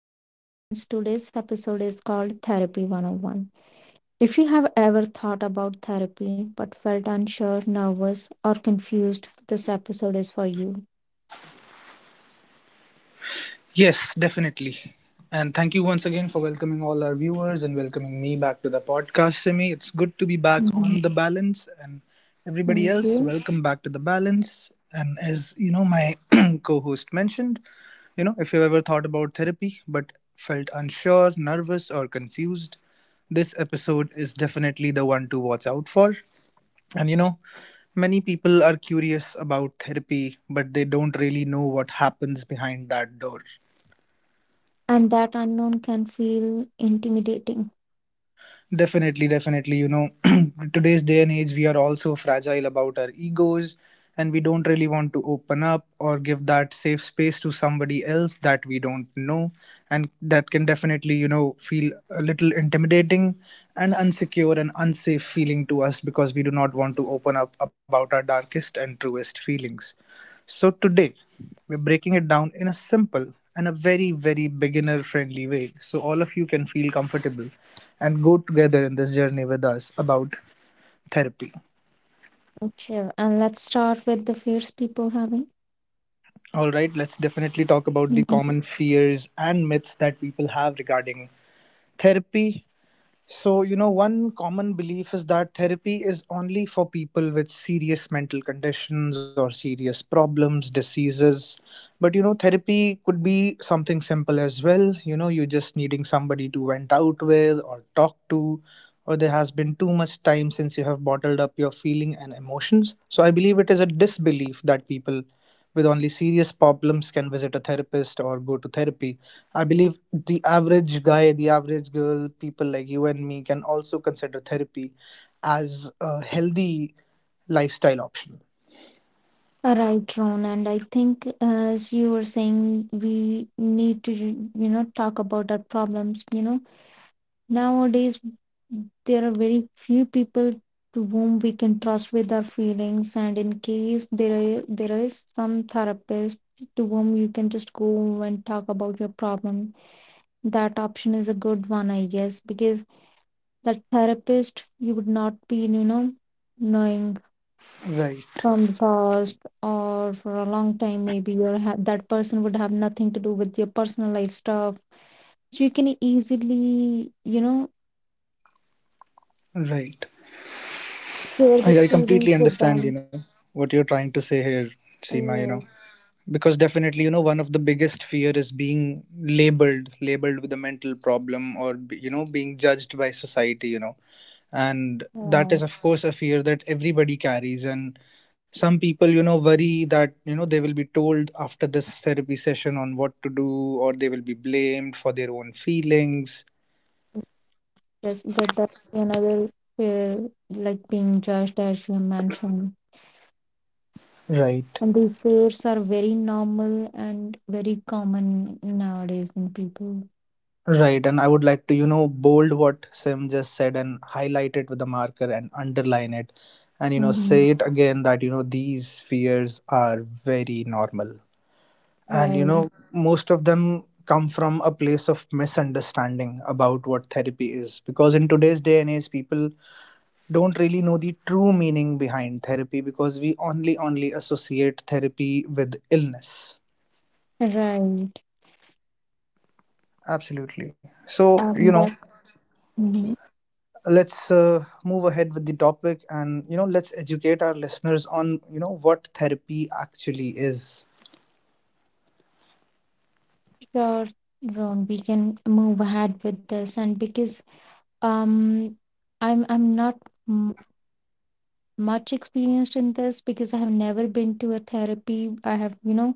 back to The Balance. Today's episode is called Therapy 101. If you have ever thought about therapy but felt unsure, nervous, or confused, this episode is for you. Yes, definitely. And thank you once again for welcoming all our viewers and welcoming me back to the podcast, Simi. It's good to be back Mhm. on the balance and everybody Thank else, you. welcome back to the balance. And as you know, my co-host mentioned, if you've ever thought about therapy but felt unsure, nervous, or confused, this episode is definitely the one to watch out for. And many people are curious about therapy, but they don't really know what happens behind that door. And that unknown can feel intimidating. Definitely, definitely. You know, today's day and age, we are also fragile about our egos and we don't really want to open up or give that safe space to somebody else that we don't know. And that can definitely, feel a little intimidating and unsecure and unsafe feeling to us because we do not want to open up about our darkest and truest feelings. So today, we're breaking it down in a simple and a very, very beginner friendly way so all of you can feel comfortable and go together in this journey with us about therapy. Sure. And let's start with the fears people having. All right, let's definitely talk about the Mhm. common fears and myths that people have regarding therapy. So, one common belief is that therapy is only for people with serious mental conditions or serious problems, diseases. But, therapy could be something simple as well. You know, you're just needing somebody to vent out with or talk to, or there has been too much time since you have bottled up your feeling and emotions. So, I believe it is a disbelief that people with only serious problems can visit a therapist or go to therapy. I believe the average guy, the average girl, people like you and me can also consider therapy as a healthy lifestyle option. Right, Ron. And I think as you were saying, we need to, you know, talk about our problems, you know, nowadays, there are very few people to whom we can trust with our feelings, and in case there are, there is some therapist to whom you can just go and talk about your problem. That option is a good one, I guess, because that therapist you would not be, you know, knowing Right, from the past or for a long time. Maybe that person would have nothing to do with your personal life stuff. So you can easily, you know, right. share the I completely feelings with understand, them. What you're trying to say here, Seema, you know. Yes, Because definitely one of the biggest fear is being labeled with a mental problem or you know being judged by society, you know, and that right. is of course a fear that everybody carries. And some people, you know, worry that, you know, they will be told after this therapy session on what to do or they will be blamed for their own feelings. Yes, that's another fear, like being judged, as you mentioned. Right. And these fears are very normal and very common nowadays in people. Right, and I would like to, you know, bold what Sim just said and highlight it with a marker and underline it and, you know, Mm-hmm. say it again that, you know, these fears are very normal. And, you Right, know, most of them come from a place of misunderstanding about what therapy is. Because in today's day and age, people don't really know the true meaning behind therapy because we only associate therapy with illness. right. Absolutely. So, you Um, know, but mm-hmm. let's move ahead with the topic and you know let's educate our listeners on you know what therapy actually is. Sure, Ron, we can move ahead with this, and because um, I'm not m much experienced in this because I have never been to a therapy. I have, you know,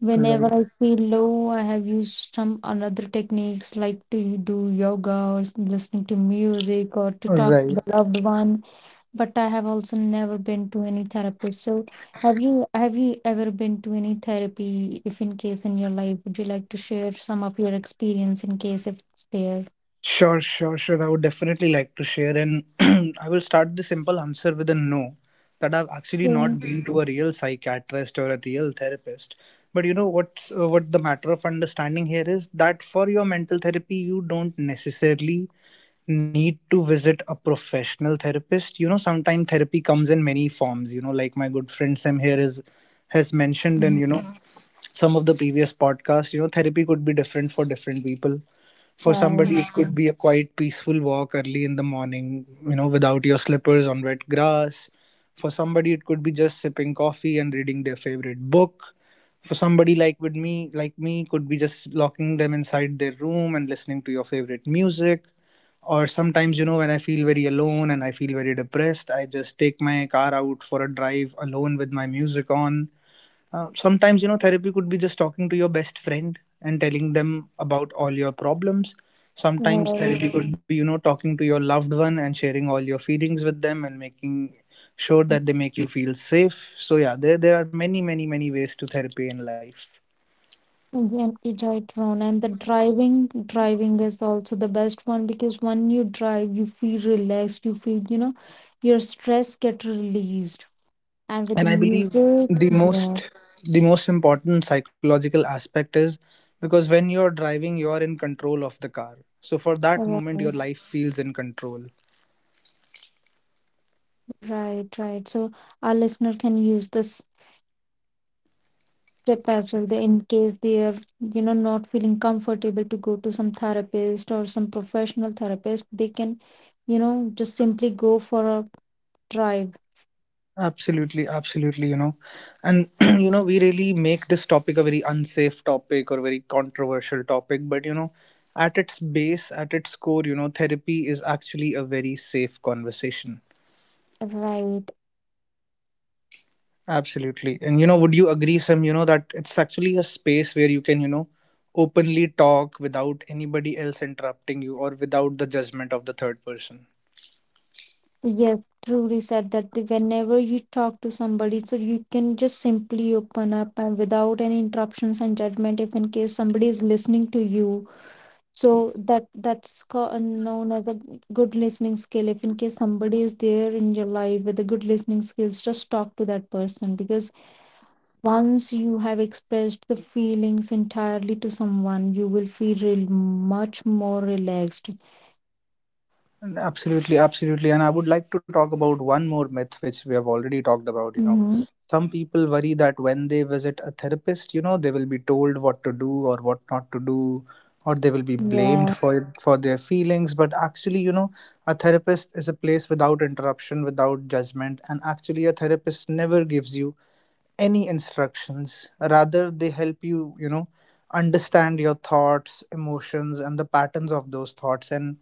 whenever Right, I feel low, I have used some another techniques like to do yoga or listening to music or to talk to right. the loved one. But I have also never been to any therapist. So have you ever been to any therapy? If in case in your life, would you like to share some of your experience in case if it's there? Sure, I would definitely like to share. And I will start the simple answer with a no, that I've actually Yeah. not been to a real psychiatrist or a real therapist. But you know what the matter of understanding here is that for your mental therapy you don't necessarily need to visit a professional therapist. You know, sometimes therapy comes in many forms. You know, like my good friend Sam here is has mentioned in, Mhm. you know, some of the previous podcasts, you know, therapy could be different for different people. For somebody, Right. it could be a quiet, peaceful walk early in the morning, you know, without your slippers on wet grass. For somebody, it could be just sipping coffee and reading their favorite book. For somebody like me, could be just locking them inside their room and listening to your favorite music. Or sometimes, you know, when I feel very alone and I feel very depressed, I just take my car out for a drive alone with my music on. Sometimes, you know, therapy could be just talking to your best friend and telling them about all your problems. Sometimes Right. therapy could be, you know, talking to your loved one and sharing all your feelings with them and making sure that they make you feel safe. So yeah, there are many, many, many ways to therapy in life. Again, it right, Ron. And the driving is also the best one because when you drive, you feel relaxed, you feel, you know, your stress get released. And with the And I believe music, the yeah, most the most important psychological aspect is because when you're driving, you're in control of the car. So for that moment, your right, life feels in control. right, right. So our listener can use this tip as well. They, in case they are, you know, not feeling comfortable to go to some therapist or some professional therapist, they can, you know, just simply go for a drive. Absolutely, absolutely, you know. And you know, we really make this topic a very unsafe topic or very controversial topic, but you know, at its base, at its core, you know, therapy is actually a very safe conversation. Right. Absolutely. And you know, would you agree, Sam, you know, that it's actually a space where you can, you know, openly talk without anybody else interrupting you or without the judgment of the third person? Yes, truly said that whenever you talk to somebody, so you can just simply open up and without any interruptions and judgment, if in case somebody is listening to you. So that's known as a good listening skill. If in case somebody is there in your life with a good listening skills, just talk to that person because once you have expressed the feelings entirely to someone, you will feel real much more relaxed. Absolutely, absolutely. And I would like to talk about one more myth which we have already talked about, you know. Mm-hmm. Some people worry that when they visit a therapist, you know, they will be told what to do or what not to do, or they will be Yeah. blamed for their feelings. But actually, you know, a therapist is a place without interruption, without judgment, and actually a therapist never gives you any instructions. Rather, they help you, you know, understand your thoughts, emotions, and the patterns of those thoughts and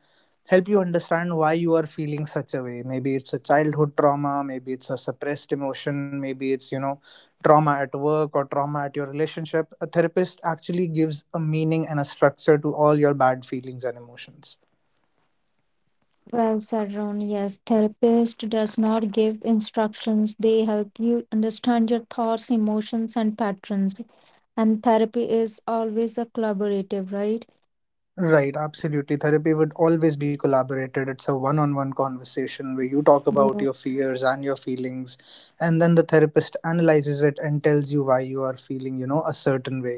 help you understand why you are feeling such a way. Maybe it's a childhood trauma, maybe it's a suppressed emotion, maybe it's, you know, trauma at work or trauma at your relationship. A therapist actually gives a meaning and a structure to all your bad feelings and emotions. Well said, Ron. Yes, therapist does not give instructions. They help you understand your thoughts, emotions, and patterns. And therapy is always a collaborative, right? Right, absolutely. Therapy would always be collaborated. It's a one on one conversation where you talk about your Yeah. fears and your feelings, and then the therapist analyzes it and tells you why you are feeling, you know, a certain way.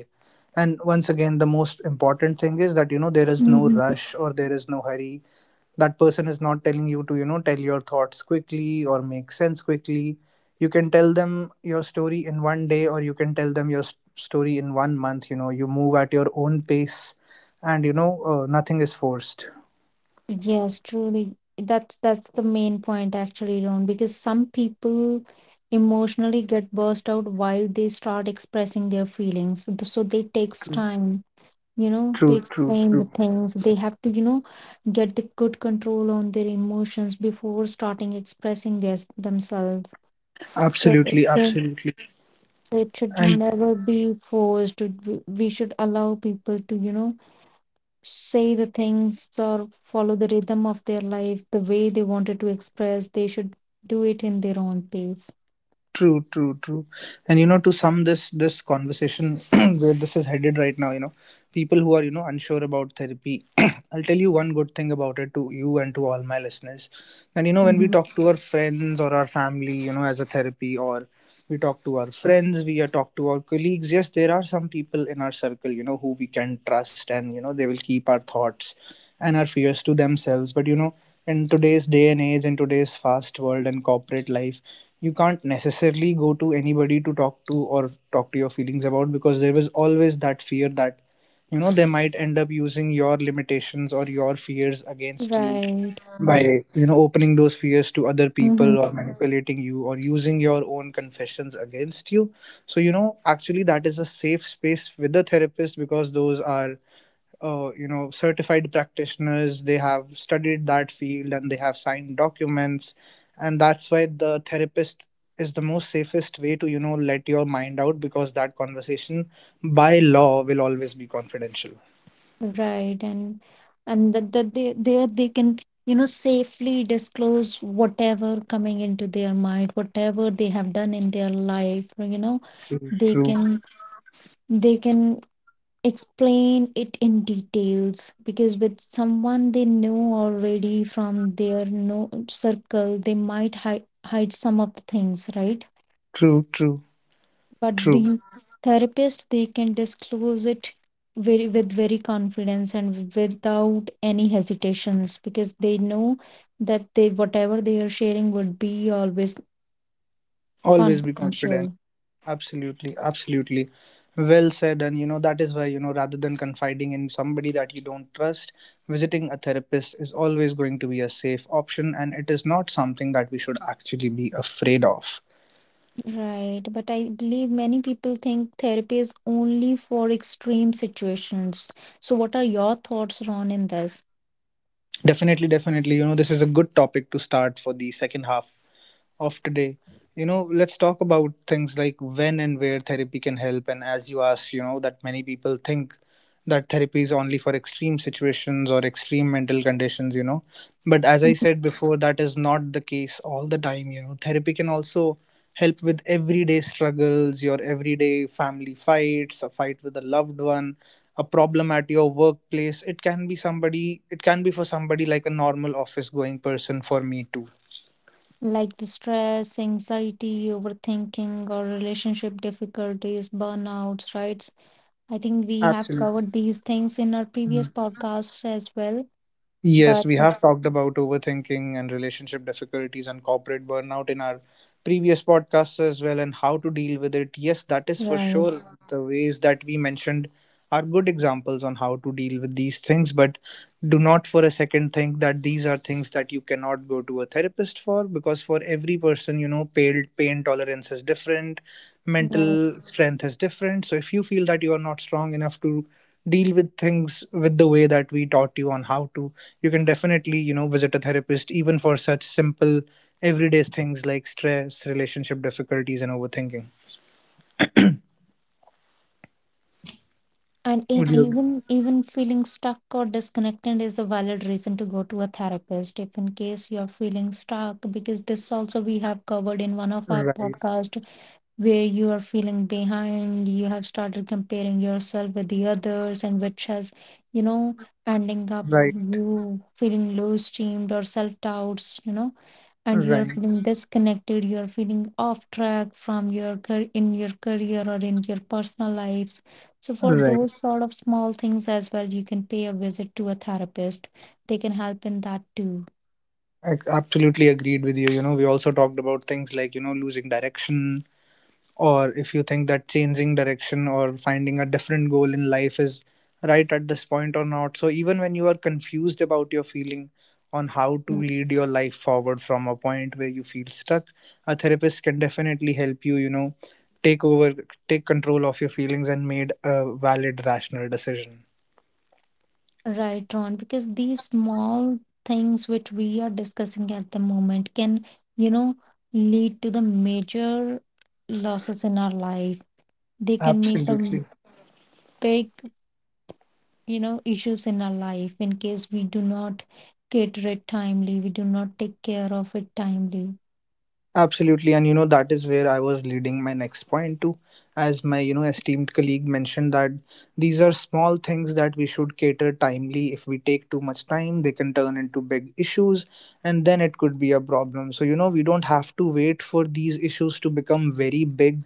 And once again, the most important thing is that, you know, there is no Mhm. rush or there is no hurry. That person is not telling you to, you know, tell your thoughts quickly or make sense quickly. You can tell them your story in one day or you can tell them your story in one month. You know, you move at your own pace and you know nothing is forced. Yes, truly. That's the main point actually, Ron, because some people emotionally get burst out while they start expressing their feelings. So so they takes True, time. You know, true, to true. explain True. the things. They have to, you know, get the good control on their emotions before starting expressing their, themselves. So Absolutely, absolutely. it should And never be forced. We should allow people to, you know, say the things or follow the rhythm of their life the way they wanted to express. They should do it in their own pace. True, true, true. And you know, to sum this conversation where this is headed right now, you know, people who are, you know, unsure about therapy, I'll tell you one good thing about it to you and to all my listeners. And you know, when we Mhm. talk to our friends or our family, you know, as a therapy, or we talk to our friends, we are talk to our colleagues. Yes, there are some people in our circle, you know, who we can trust, and you know, they will keep our thoughts and our fears to themselves. But you know, in today's day and age, in today's fast world and corporate life, you can't necessarily go to anybody to talk to or talk to your feelings about, because there was always that fear that, you know, they might end up using your limitations or your fears against you Right. by, you know, opening those fears to other Mhm. people or manipulating you or using your own confessions against you. So you know actually that is a safe space with a therapist, because those are you know certified practitioners. They have studied that field and they have signed documents, and that's why the therapist is the most safest way to, you know, let your mind out, because that conversation by law will always be confidential. Right, and that that they there they can, you know, safely disclose whatever coming into their mind, whatever they have done in their life. You know, they True, can they can explain it in details because with someone they know already from their no circle, they might hide some of the things, right? true, true. But True. the therapist they can disclose it very with very confidence and without any hesitations because they know that they whatever they are sharing would be always Always be confidential. confidential, Absolutely, absolutely. Well said. And you know, that is why, you know, rather than confiding in somebody that you don't trust, visiting a therapist is always going to be a safe option. And it is not something that we should actually be afraid of. right? But I believe many people think therapy is only for extreme situations, so what are your thoughts, Ron, in this? Definitely, definitely. You know, this is a good topic to start for the second half of today. You know, let's talk about things like when and where therapy can help. And as you asked, you know, that many people think that therapy is only for extreme situations or extreme mental conditions, you know. But as I said before, that is not the case all the time, you know. Therapy can also help with everyday struggles, your everyday family fights, a fight with a loved one, a problem at your workplace. It can be somebody, it can be for somebody like a normal office going person for me too. Like the stress, anxiety, overthinking, or relationship difficulties, burnouts, right? I think we have Absolutely. covered these things in our previous podcasts as well. Yes, But we have talked about overthinking and relationship difficulties and corporate burnout in our previous podcasts as well, and how to deal with it. Yes, that is for right, sure. The ways that we mentioned are good examples on how to deal with these things, but do not for a second think that these are things that you cannot go to a therapist for, because for every person, you know, pain tolerance is different, right. mental strength is different. So if you feel that you are not strong enough to deal with things with the way that we taught you on how to, you can definitely, you know, visit a therapist even for such simple everyday things like stress, relationship difficulties, and overthinking. And in, would you ag- even even feeling stuck or disconnected is a valid reason to go to a therapist if in case you're feeling stuck because this also we have covered in one of our right, podcast where you are feeling behind, you have started comparing yourself with the others, and which has, you know, ending up right, you feeling low esteemed or self doubts, you know, and you are right, feeling disconnected, you are feeling off track from in your career or in your personal lives. So for right. those sort of small things as well, you can pay a visit to a therapist. They can help in that too. I absolutely agreed with you. You know, we also talked about things like, you know, losing direction, or if you think that changing direction or finding a different goal in life is right at this point or not. So, even when you are confused about your feeling on how to lead your life forward from a point where you feel stuck, a therapist can definitely help you, you know, take over, take control of your feelings and made a valid, rational decision. Right, Ron, because these small things which we are discussing at the moment can, you know, lead to the major losses in our life. They can make a Absolutely. big, you know, issues in our life in case we do not cater it timely, we do not take care of it timely. Absolutely, and you know that is where I was leading my next point to, as my, you know, esteemed colleague mentioned, that these are small things that we should cater timely. If we take too much time, they can turn into big issues, and then it could be a problem. So you know we don't have to wait for these issues to become very big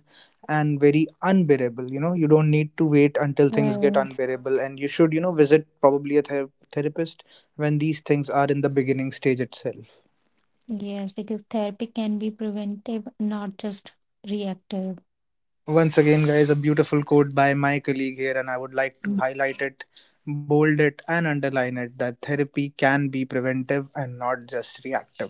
and very unbearable. You know you don't need to wait until things get Right. unbearable, and you should, you know, visit probably a therapist when these things are in the beginning stage itself. Yes, because therapy can be preventive, not just reactive. Once again, guys, a beautiful quote by my colleague here, and I would like to highlight it, bold it, and underline it, that therapy can be preventive and not just reactive.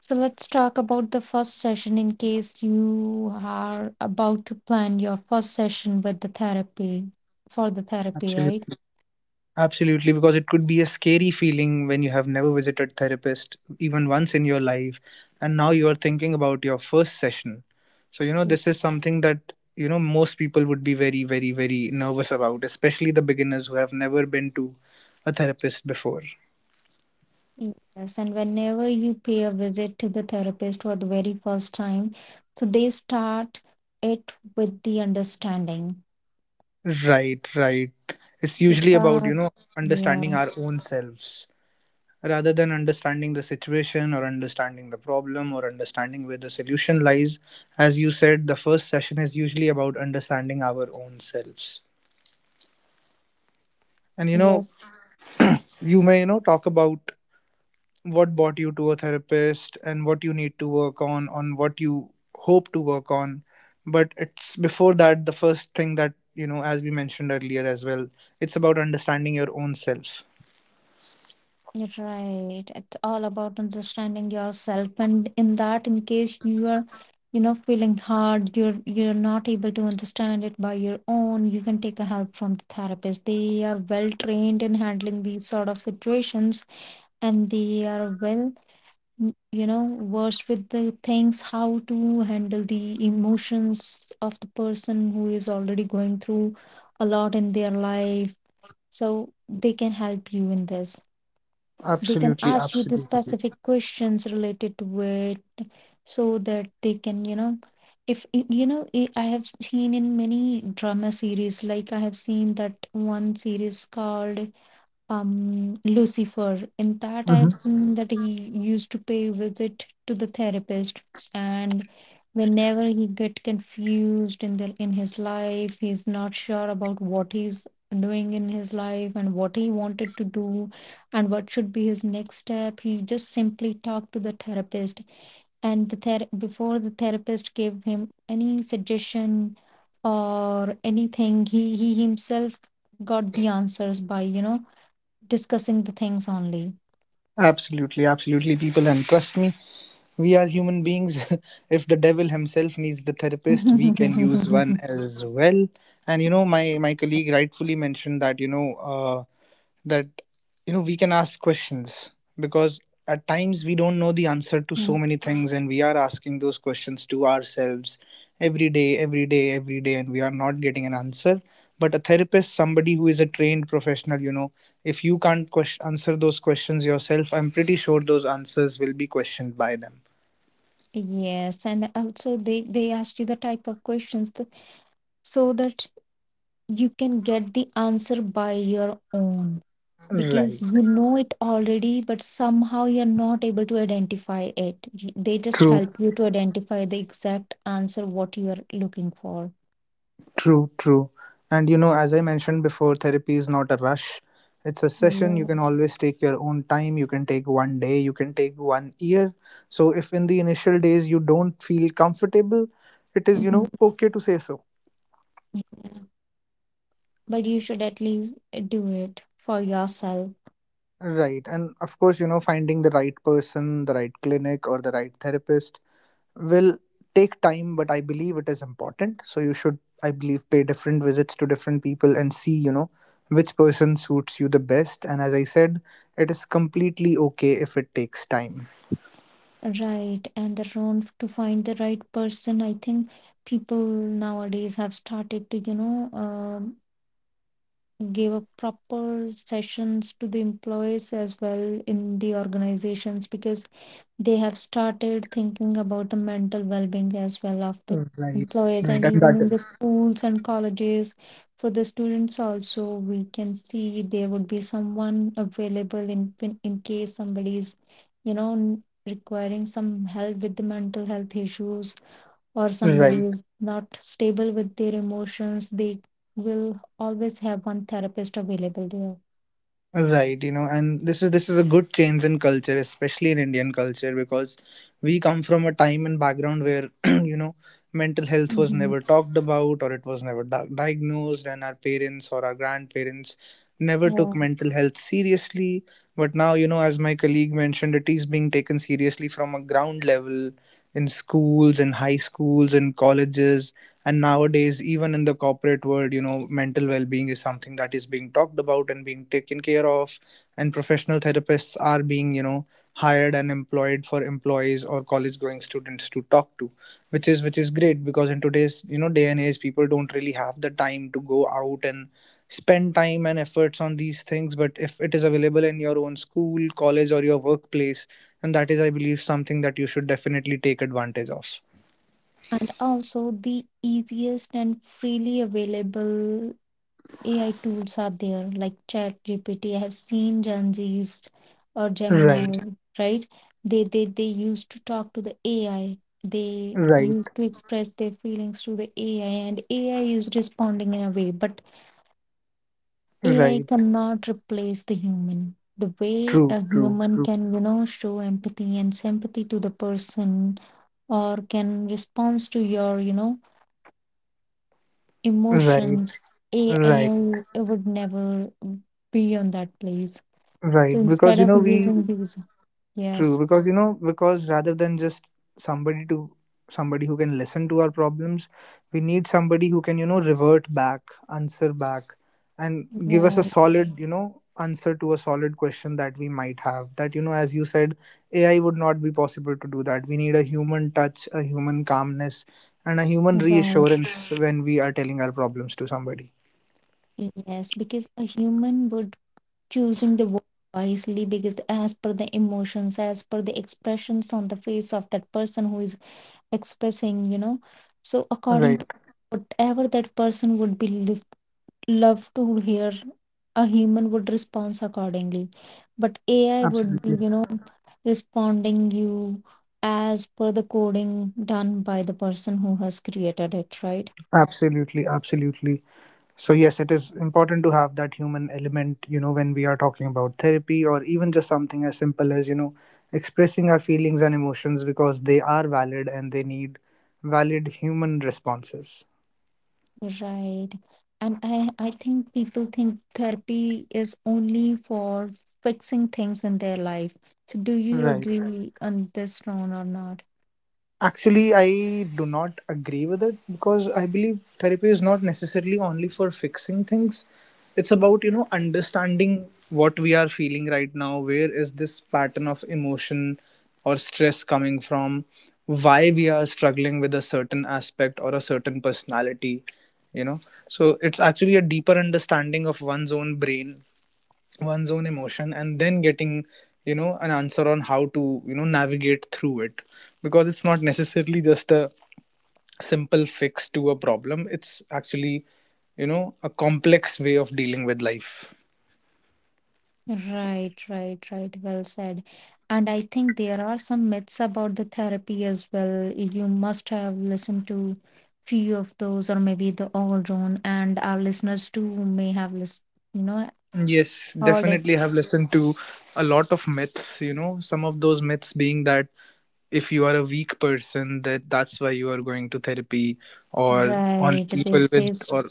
So let's talk about the first session in case you are about to plan your first session with the therapy for the therapy, right? Absolutely. Absolutely, because it could be a scary feeling when you have never visited therapist even once in your life, and now you are thinking about your first session. So, you know, Mm, this is something that, you know, most people would be very, very, very nervous about, especially the beginners who have never been to a therapist before. Yes, and whenever you pay a visit to the therapist for the very first time, so they start it with the understanding. Right, right. It's They usually about, you start, know, understanding yeah, our own selves rather than understanding the situation or understanding the problem or understanding where the solution lies. As you said, the first session is usually about understanding our own selves. And, you know, yes, you may, you know, talk about what brought you to a therapist and what you need to work on what you hope to work on. But it's before that, the first thing that, you know, as we mentioned earlier as well, it's about understanding your own self. you're right. It's all about understanding yourself. And in that, in case you are, you know, feeling hard, you're not able to understand it by your own, you can take a help from the therapist. They are well trained in handling these sort of situations and they are well, you know, versed with the things, how to handle the emotions of the person who is already going through a lot in their life. So they can help you in this. They can Absolutely, ask you the absolutely. specific questions related to it so that they can, you know, if y- you know, I have seen in many drama series like I have seen that one series called Lucifer. In that, I have Mhm. seen that he used to pay visit to the therapist, and whenever he get confused in the in his life, he's not sure about what he's doing in his life and what he wanted to do and what should be his next step. He just simply talked to the therapist, and before the therapist gave him any suggestion or anything, he himself got the answers by, you know, discussing the things only. Absolutely, absolutely, people. And trust me, we are human beings. If the devil himself needs the therapist, we can use one as well. And you know, my colleague rightfully mentioned that, you know, that, you know, we can ask questions, because at times we don't know the answer to so many things, and we are asking those questions to ourselves every day, every day, every day, and we are not getting an answer. But a therapist, somebody who is a trained professional, you know, if you can't question, answer those questions yourself, I'm pretty sure those answers will be questioned by them. Yes, and also they ask you the type of questions so that you can get the answer by your own because Right. you know it already, but somehow you're not able to identify it. They just True. help you to identify the exact answer what you are looking for. True, true. And you know, as I mentioned before, therapy is not a rush. It's a session. You can Yes. always take your own time. You can take one day. You can take one year. So, if in the initial days you don't feel comfortable, it is, you Mhm. know, okay to say so. Yeah. But you should at least do it for yourself. Right. And of course, you know, finding the right person, the right clinic, or the right therapist will take time, but I believe it is important, so you should, I believe, pay different visits to different people and see, you know, which person suits you the best. And as I said, it is completely okay if it takes time. Right, and the wrong to find the right person. I think people nowadays have started to, you know, give up proper sessions to the employees as well in the organizations because they have started thinking about the mental well being as well of the Right, employees, right, and and even that in the is schools and colleges, for the students also, we can see there would be someone available in, in case somebody is, you know, requiring some help with the mental health issues or somebody right. is not stable with their emotions, they will always have one therapist available there. Right, you know, and this is a good change in culture, especially in Indian culture, because we come from a time and background where you know mental health was Mm-hmm. never talked about, or it was never diagnosed, and our parents or our grandparents never took Yeah. mental health seriously. But now, you know, as my colleague mentioned, it is being taken seriously from a ground level, in schools, in high schools, in colleges, and nowadays even in the corporate world, you know, mental well-being is something that is being talked about and being taken care of, and professional therapists are being, you know, hired and employed for employees or college going students to talk to, which is great, because in today's, you know, day and age, people don't really have the time to go out and spend time and efforts on these things, but if it is available in your own school, college, or your workplace, and that is, I believe, something that you should definitely take advantage of. And also, the easiest and freely available AI tools are there, like ChatGPT. I have seen Gen Z's or Right, Gemini, right? They used to talk to the AI. They right, used to express their feelings to the AI, and AI is responding in a way, but AI right. cannot replace the human. The way True, a true, human true. can, you know, show empathy and sympathy to the person or can respond to your, you know, Right, emotions. right, AI would never be on that place. right. So Because instead you of know we using these, true, yes, because you know, because rather than just somebody to somebody who can listen to our problems, we need somebody who can, you know, revert back, answer back, and give us a right, solid, you know, answer to a solid question that we might have. That, you know, as you said, AI would not be possible to do that. We need a human touch, a human calmness, and a human right, reassurance when we are telling our problems to somebody. yes, because a human would choosing the word wisely because as per the emotions as per the expressions on the face of that person who is expressing, you know, so Right. according to whatever that person would be love to hear, a human would respond accordingly, but AI would be, Absolutely. you know, responding you as per the coding done by the person who has created it, right? Absolutely, absolutely. So, yes, it is important to have that human element, you know, when we are talking about therapy or even just something as simple as, you know, expressing our feelings and emotions, because they are valid and they need valid human responses. Right, and I think people think therapy is only for fixing things in their life, so do you Right. agree on this, Ron, or not? Actually, I do not agree with it, because I believe therapy is not necessarily only for fixing things. It's about, you know, understanding what we are feeling right now, where is this pattern of emotion or stress coming from, why we are struggling with a certain aspect or a certain personality, you know. So it's actually a deeper understanding of one's own brain, one's own emotion, and then getting, you know, an answer on how to, you know, navigate through it, because it's not necessarily just a simple fix to a problem. It's actually, you know, a complex way of dealing with life. Right, right, right. Well said. And I think there are some myths about the therapy as well. You must have listened to few of those, or maybe the all drone, and our listeners too may have list, you know, Yes, heard it. definitely have listened to a lot of myths, you know, some of those myths being that if you are a weak person, that that's why you are going to therapy, or only Right. They people with, say, or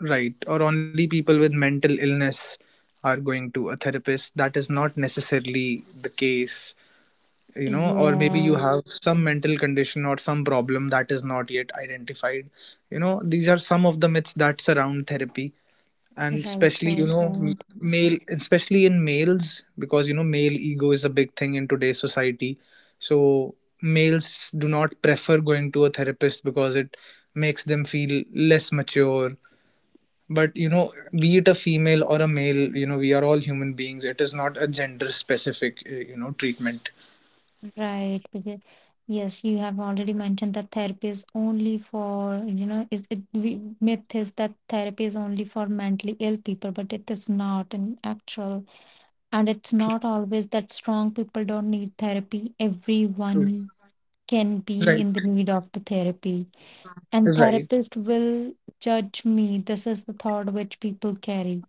right, or only people with mental illness are going to a therapist, that is not necessarily the case. You know, or maybe you yes. have some mental condition or some problem that is not yet identified. You know, these are some of the myths that surround therapy, and Right, especially, you right, know, m- right. male especially in males, because you know male ego is a big thing in today's society, so males do not prefer going to a therapist because it makes them feel less mature. But you know, be it a female or a male, you know, we are all human beings. It is not a gender specific you know treatment. Right, because yes, you have already mentioned that therapy is only for, myth is that therapy is only for mentally ill people, but it is not in actual, and it's not always that strong people don't need therapy. True. Everyone can be Right, in the need of the therapy, and right. therapist will judge me. This is the thought which people carry,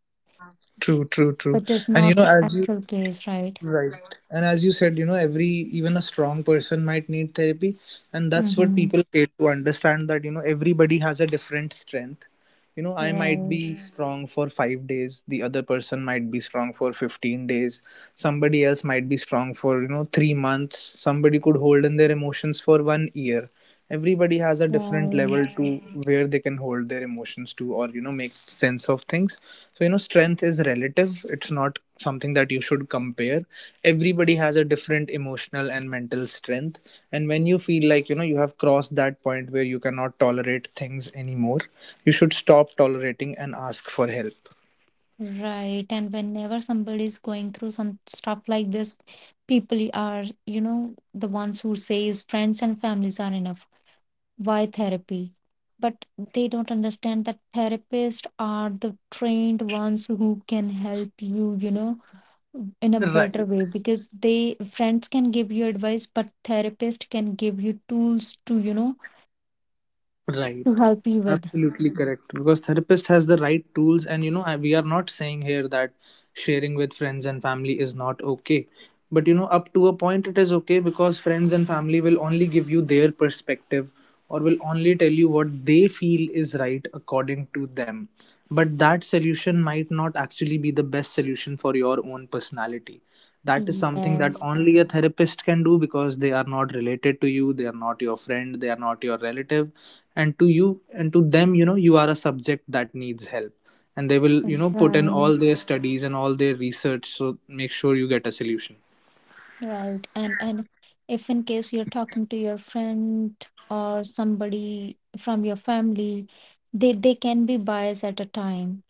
True, true, true. but it's And you not know the as you actual case, right? Right. And as you said, you know, every even a strong person might need therapy. And that's what Mm-hmm. people fail to understand, that, you know, everybody has a different strength. You know, I might Right, be Mm. strong for 5 days, the other person might be strong for 15 days, somebody else might be strong for, you know, 3 months, somebody could hold in their emotions for one year. Everybody has a different right. level to where they can hold their emotions to, or, you know, make sense of things. So you know strength is relative. It's not something that you should compare. Everybody has a different emotional and mental strength, and when you feel like, you know, you have crossed that point where you cannot tolerate things anymore, you should stop tolerating and ask for help. Right. And whenever somebody is going through some stuff like this, people are, the ones who says friends and families are enough. Why therapy? But they don't understand that therapists are the trained ones who can help you, in a better Right. way because they friends can give you advice, but therapist can give you tools to, Right. to help you with. Absolutely correct. Because therapist has the right tools, and you know, we are not saying here that sharing with friends and family is not okay. But you know, up to a point, it is okay, because friends and family will only give you their perspective or will only tell you what they feel is right according to them. But that solution might not actually be the best solution for your own personality. That is something that Yes. only a therapist can do, because they are not related to you, they are not your friend, they are not your relative, and to you and to them, you know, you are a subject that needs help, and they will, you know, put in Right. all their studies and all their research, so make sure you get a solution. Right. And if in case you're talking to your friend or somebody from your family, they can be biased at a time.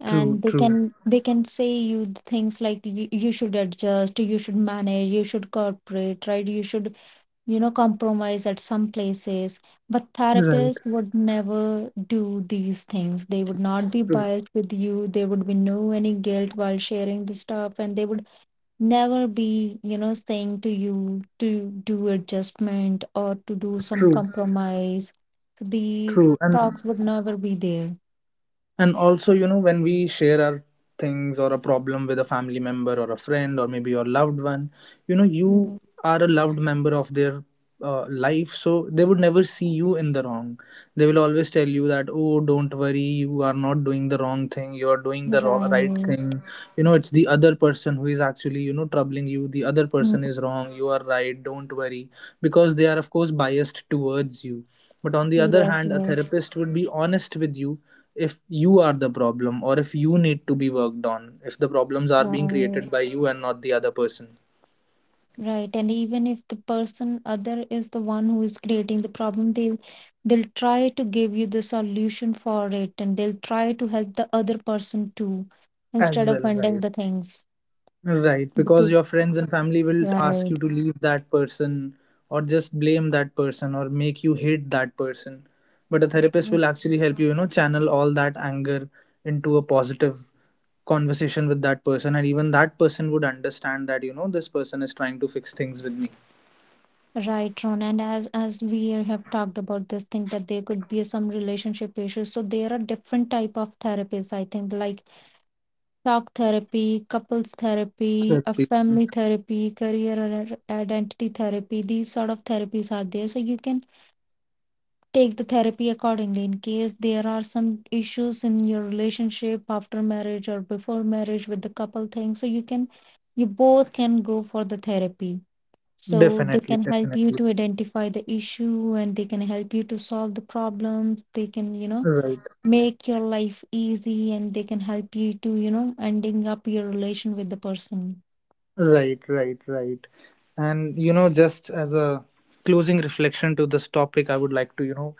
And True, they true. can they can say you things like you should adjust, you should manage, you should cooperate, right? You should, you know, compromise at some places. But Right. therapists would never do these things. They would not be True, biased with you. There would be no any guilt while sharing the stuff, and they would never be saying to you to do adjustment or to do some true, compromise, so these true. and talks would never be there. And also, you know, when we share our things or a problem with a family member or a friend or maybe your loved one, you know, you Mm, are a loved member of their life. So they would never see you in the wrong. They will always tell you that, oh, don't worry, you are not doing the wrong thing, you are doing the right right. thing. You know, it's the other person who is actually, you know, troubling you. The other Mm, person is wrong, you are right, don't worry. Because they are, of course, biased towards you, but on the other yes, hand, a yes, therapist would be honest with you if you are the problem or if you need to be worked on, if the problems are being created right, by you and not the other person right. And even if the person other is the one who is creating the problem, they'll try to give you the solution for it, and they'll try to help the other person too as instead of well, right? ending the things Right, because because your friends and family will ask you right. to leave that person or just blame that person or make you hate that person. But a therapist will actually help you, you know, channel all that anger into a positive conversation with that person, and even that person would understand that, you know, this person is trying to fix things with me. Right, Ron. And as we have talked about this thing that there could be some relationship issues. So there are different type of therapies, I think, like talk therapy, couples therapy, a Therapy. family therapy, career or identity therapy. These sort of therapies are there. So you can take the therapy accordingly in case there are some issues in your relationship after marriage or before marriage with the couple thing. So you both can go for the therapy, so they Definitely, can help you definitely. to identify the issue, and they can help you to solve the problems. They can, you know, Right, make your life easy, and they can help you to, you know, ending up your relation with the person. right, right, right. And you know, just as a closing reflection to this topic, I would like to, you know,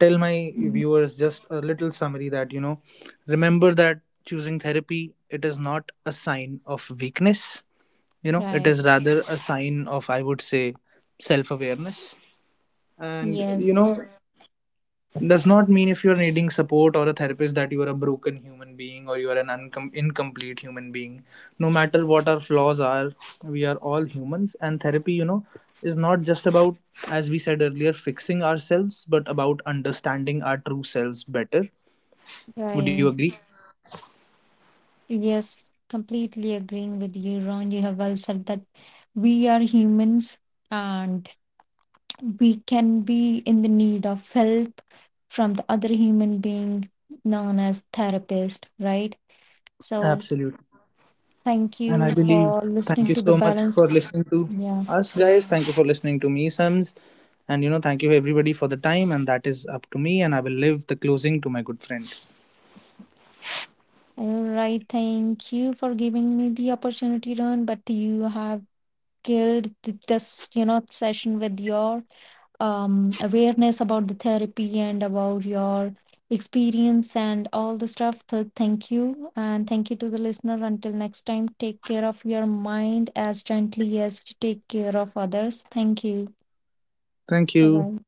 tell my Mhm. viewers just a little summary, that, you know, remember that choosing therapy, it is not a sign of weakness, you know, it is Right. rather a sign of, I would say, self awareness. And, you Yes. know, does not mean if you're needing support or a therapist that you are a broken human being or you are an incomplete human being. No matter what our flaws are, we are all humans, and therapy, you know, is not just about, as we said earlier, fixing ourselves, but about understanding our true selves better. Would you Right. agree? Yes. Completely agreeing with you, Ron. You have well said that we are humans, and we can be in the need of help from the other human being known as therapist, right? So Absolutely. thank And I you believe for thank listening you to the so much for balance. listening to Yeah, us, guys. Thank you for listening to me, Sams. And you know thank you everybody for the time, and that is up to me, and I will leave the closing to my good friend. all right. Thank you for giving me the opportunity, Ron. But you have killed this, you know, session with your awareness about the therapy and about your experience and all the stuff. So thank you, and thank you to the listener. Until next time, take care of your mind as gently as you take care of others. Thank you. Thank Bye you. bye.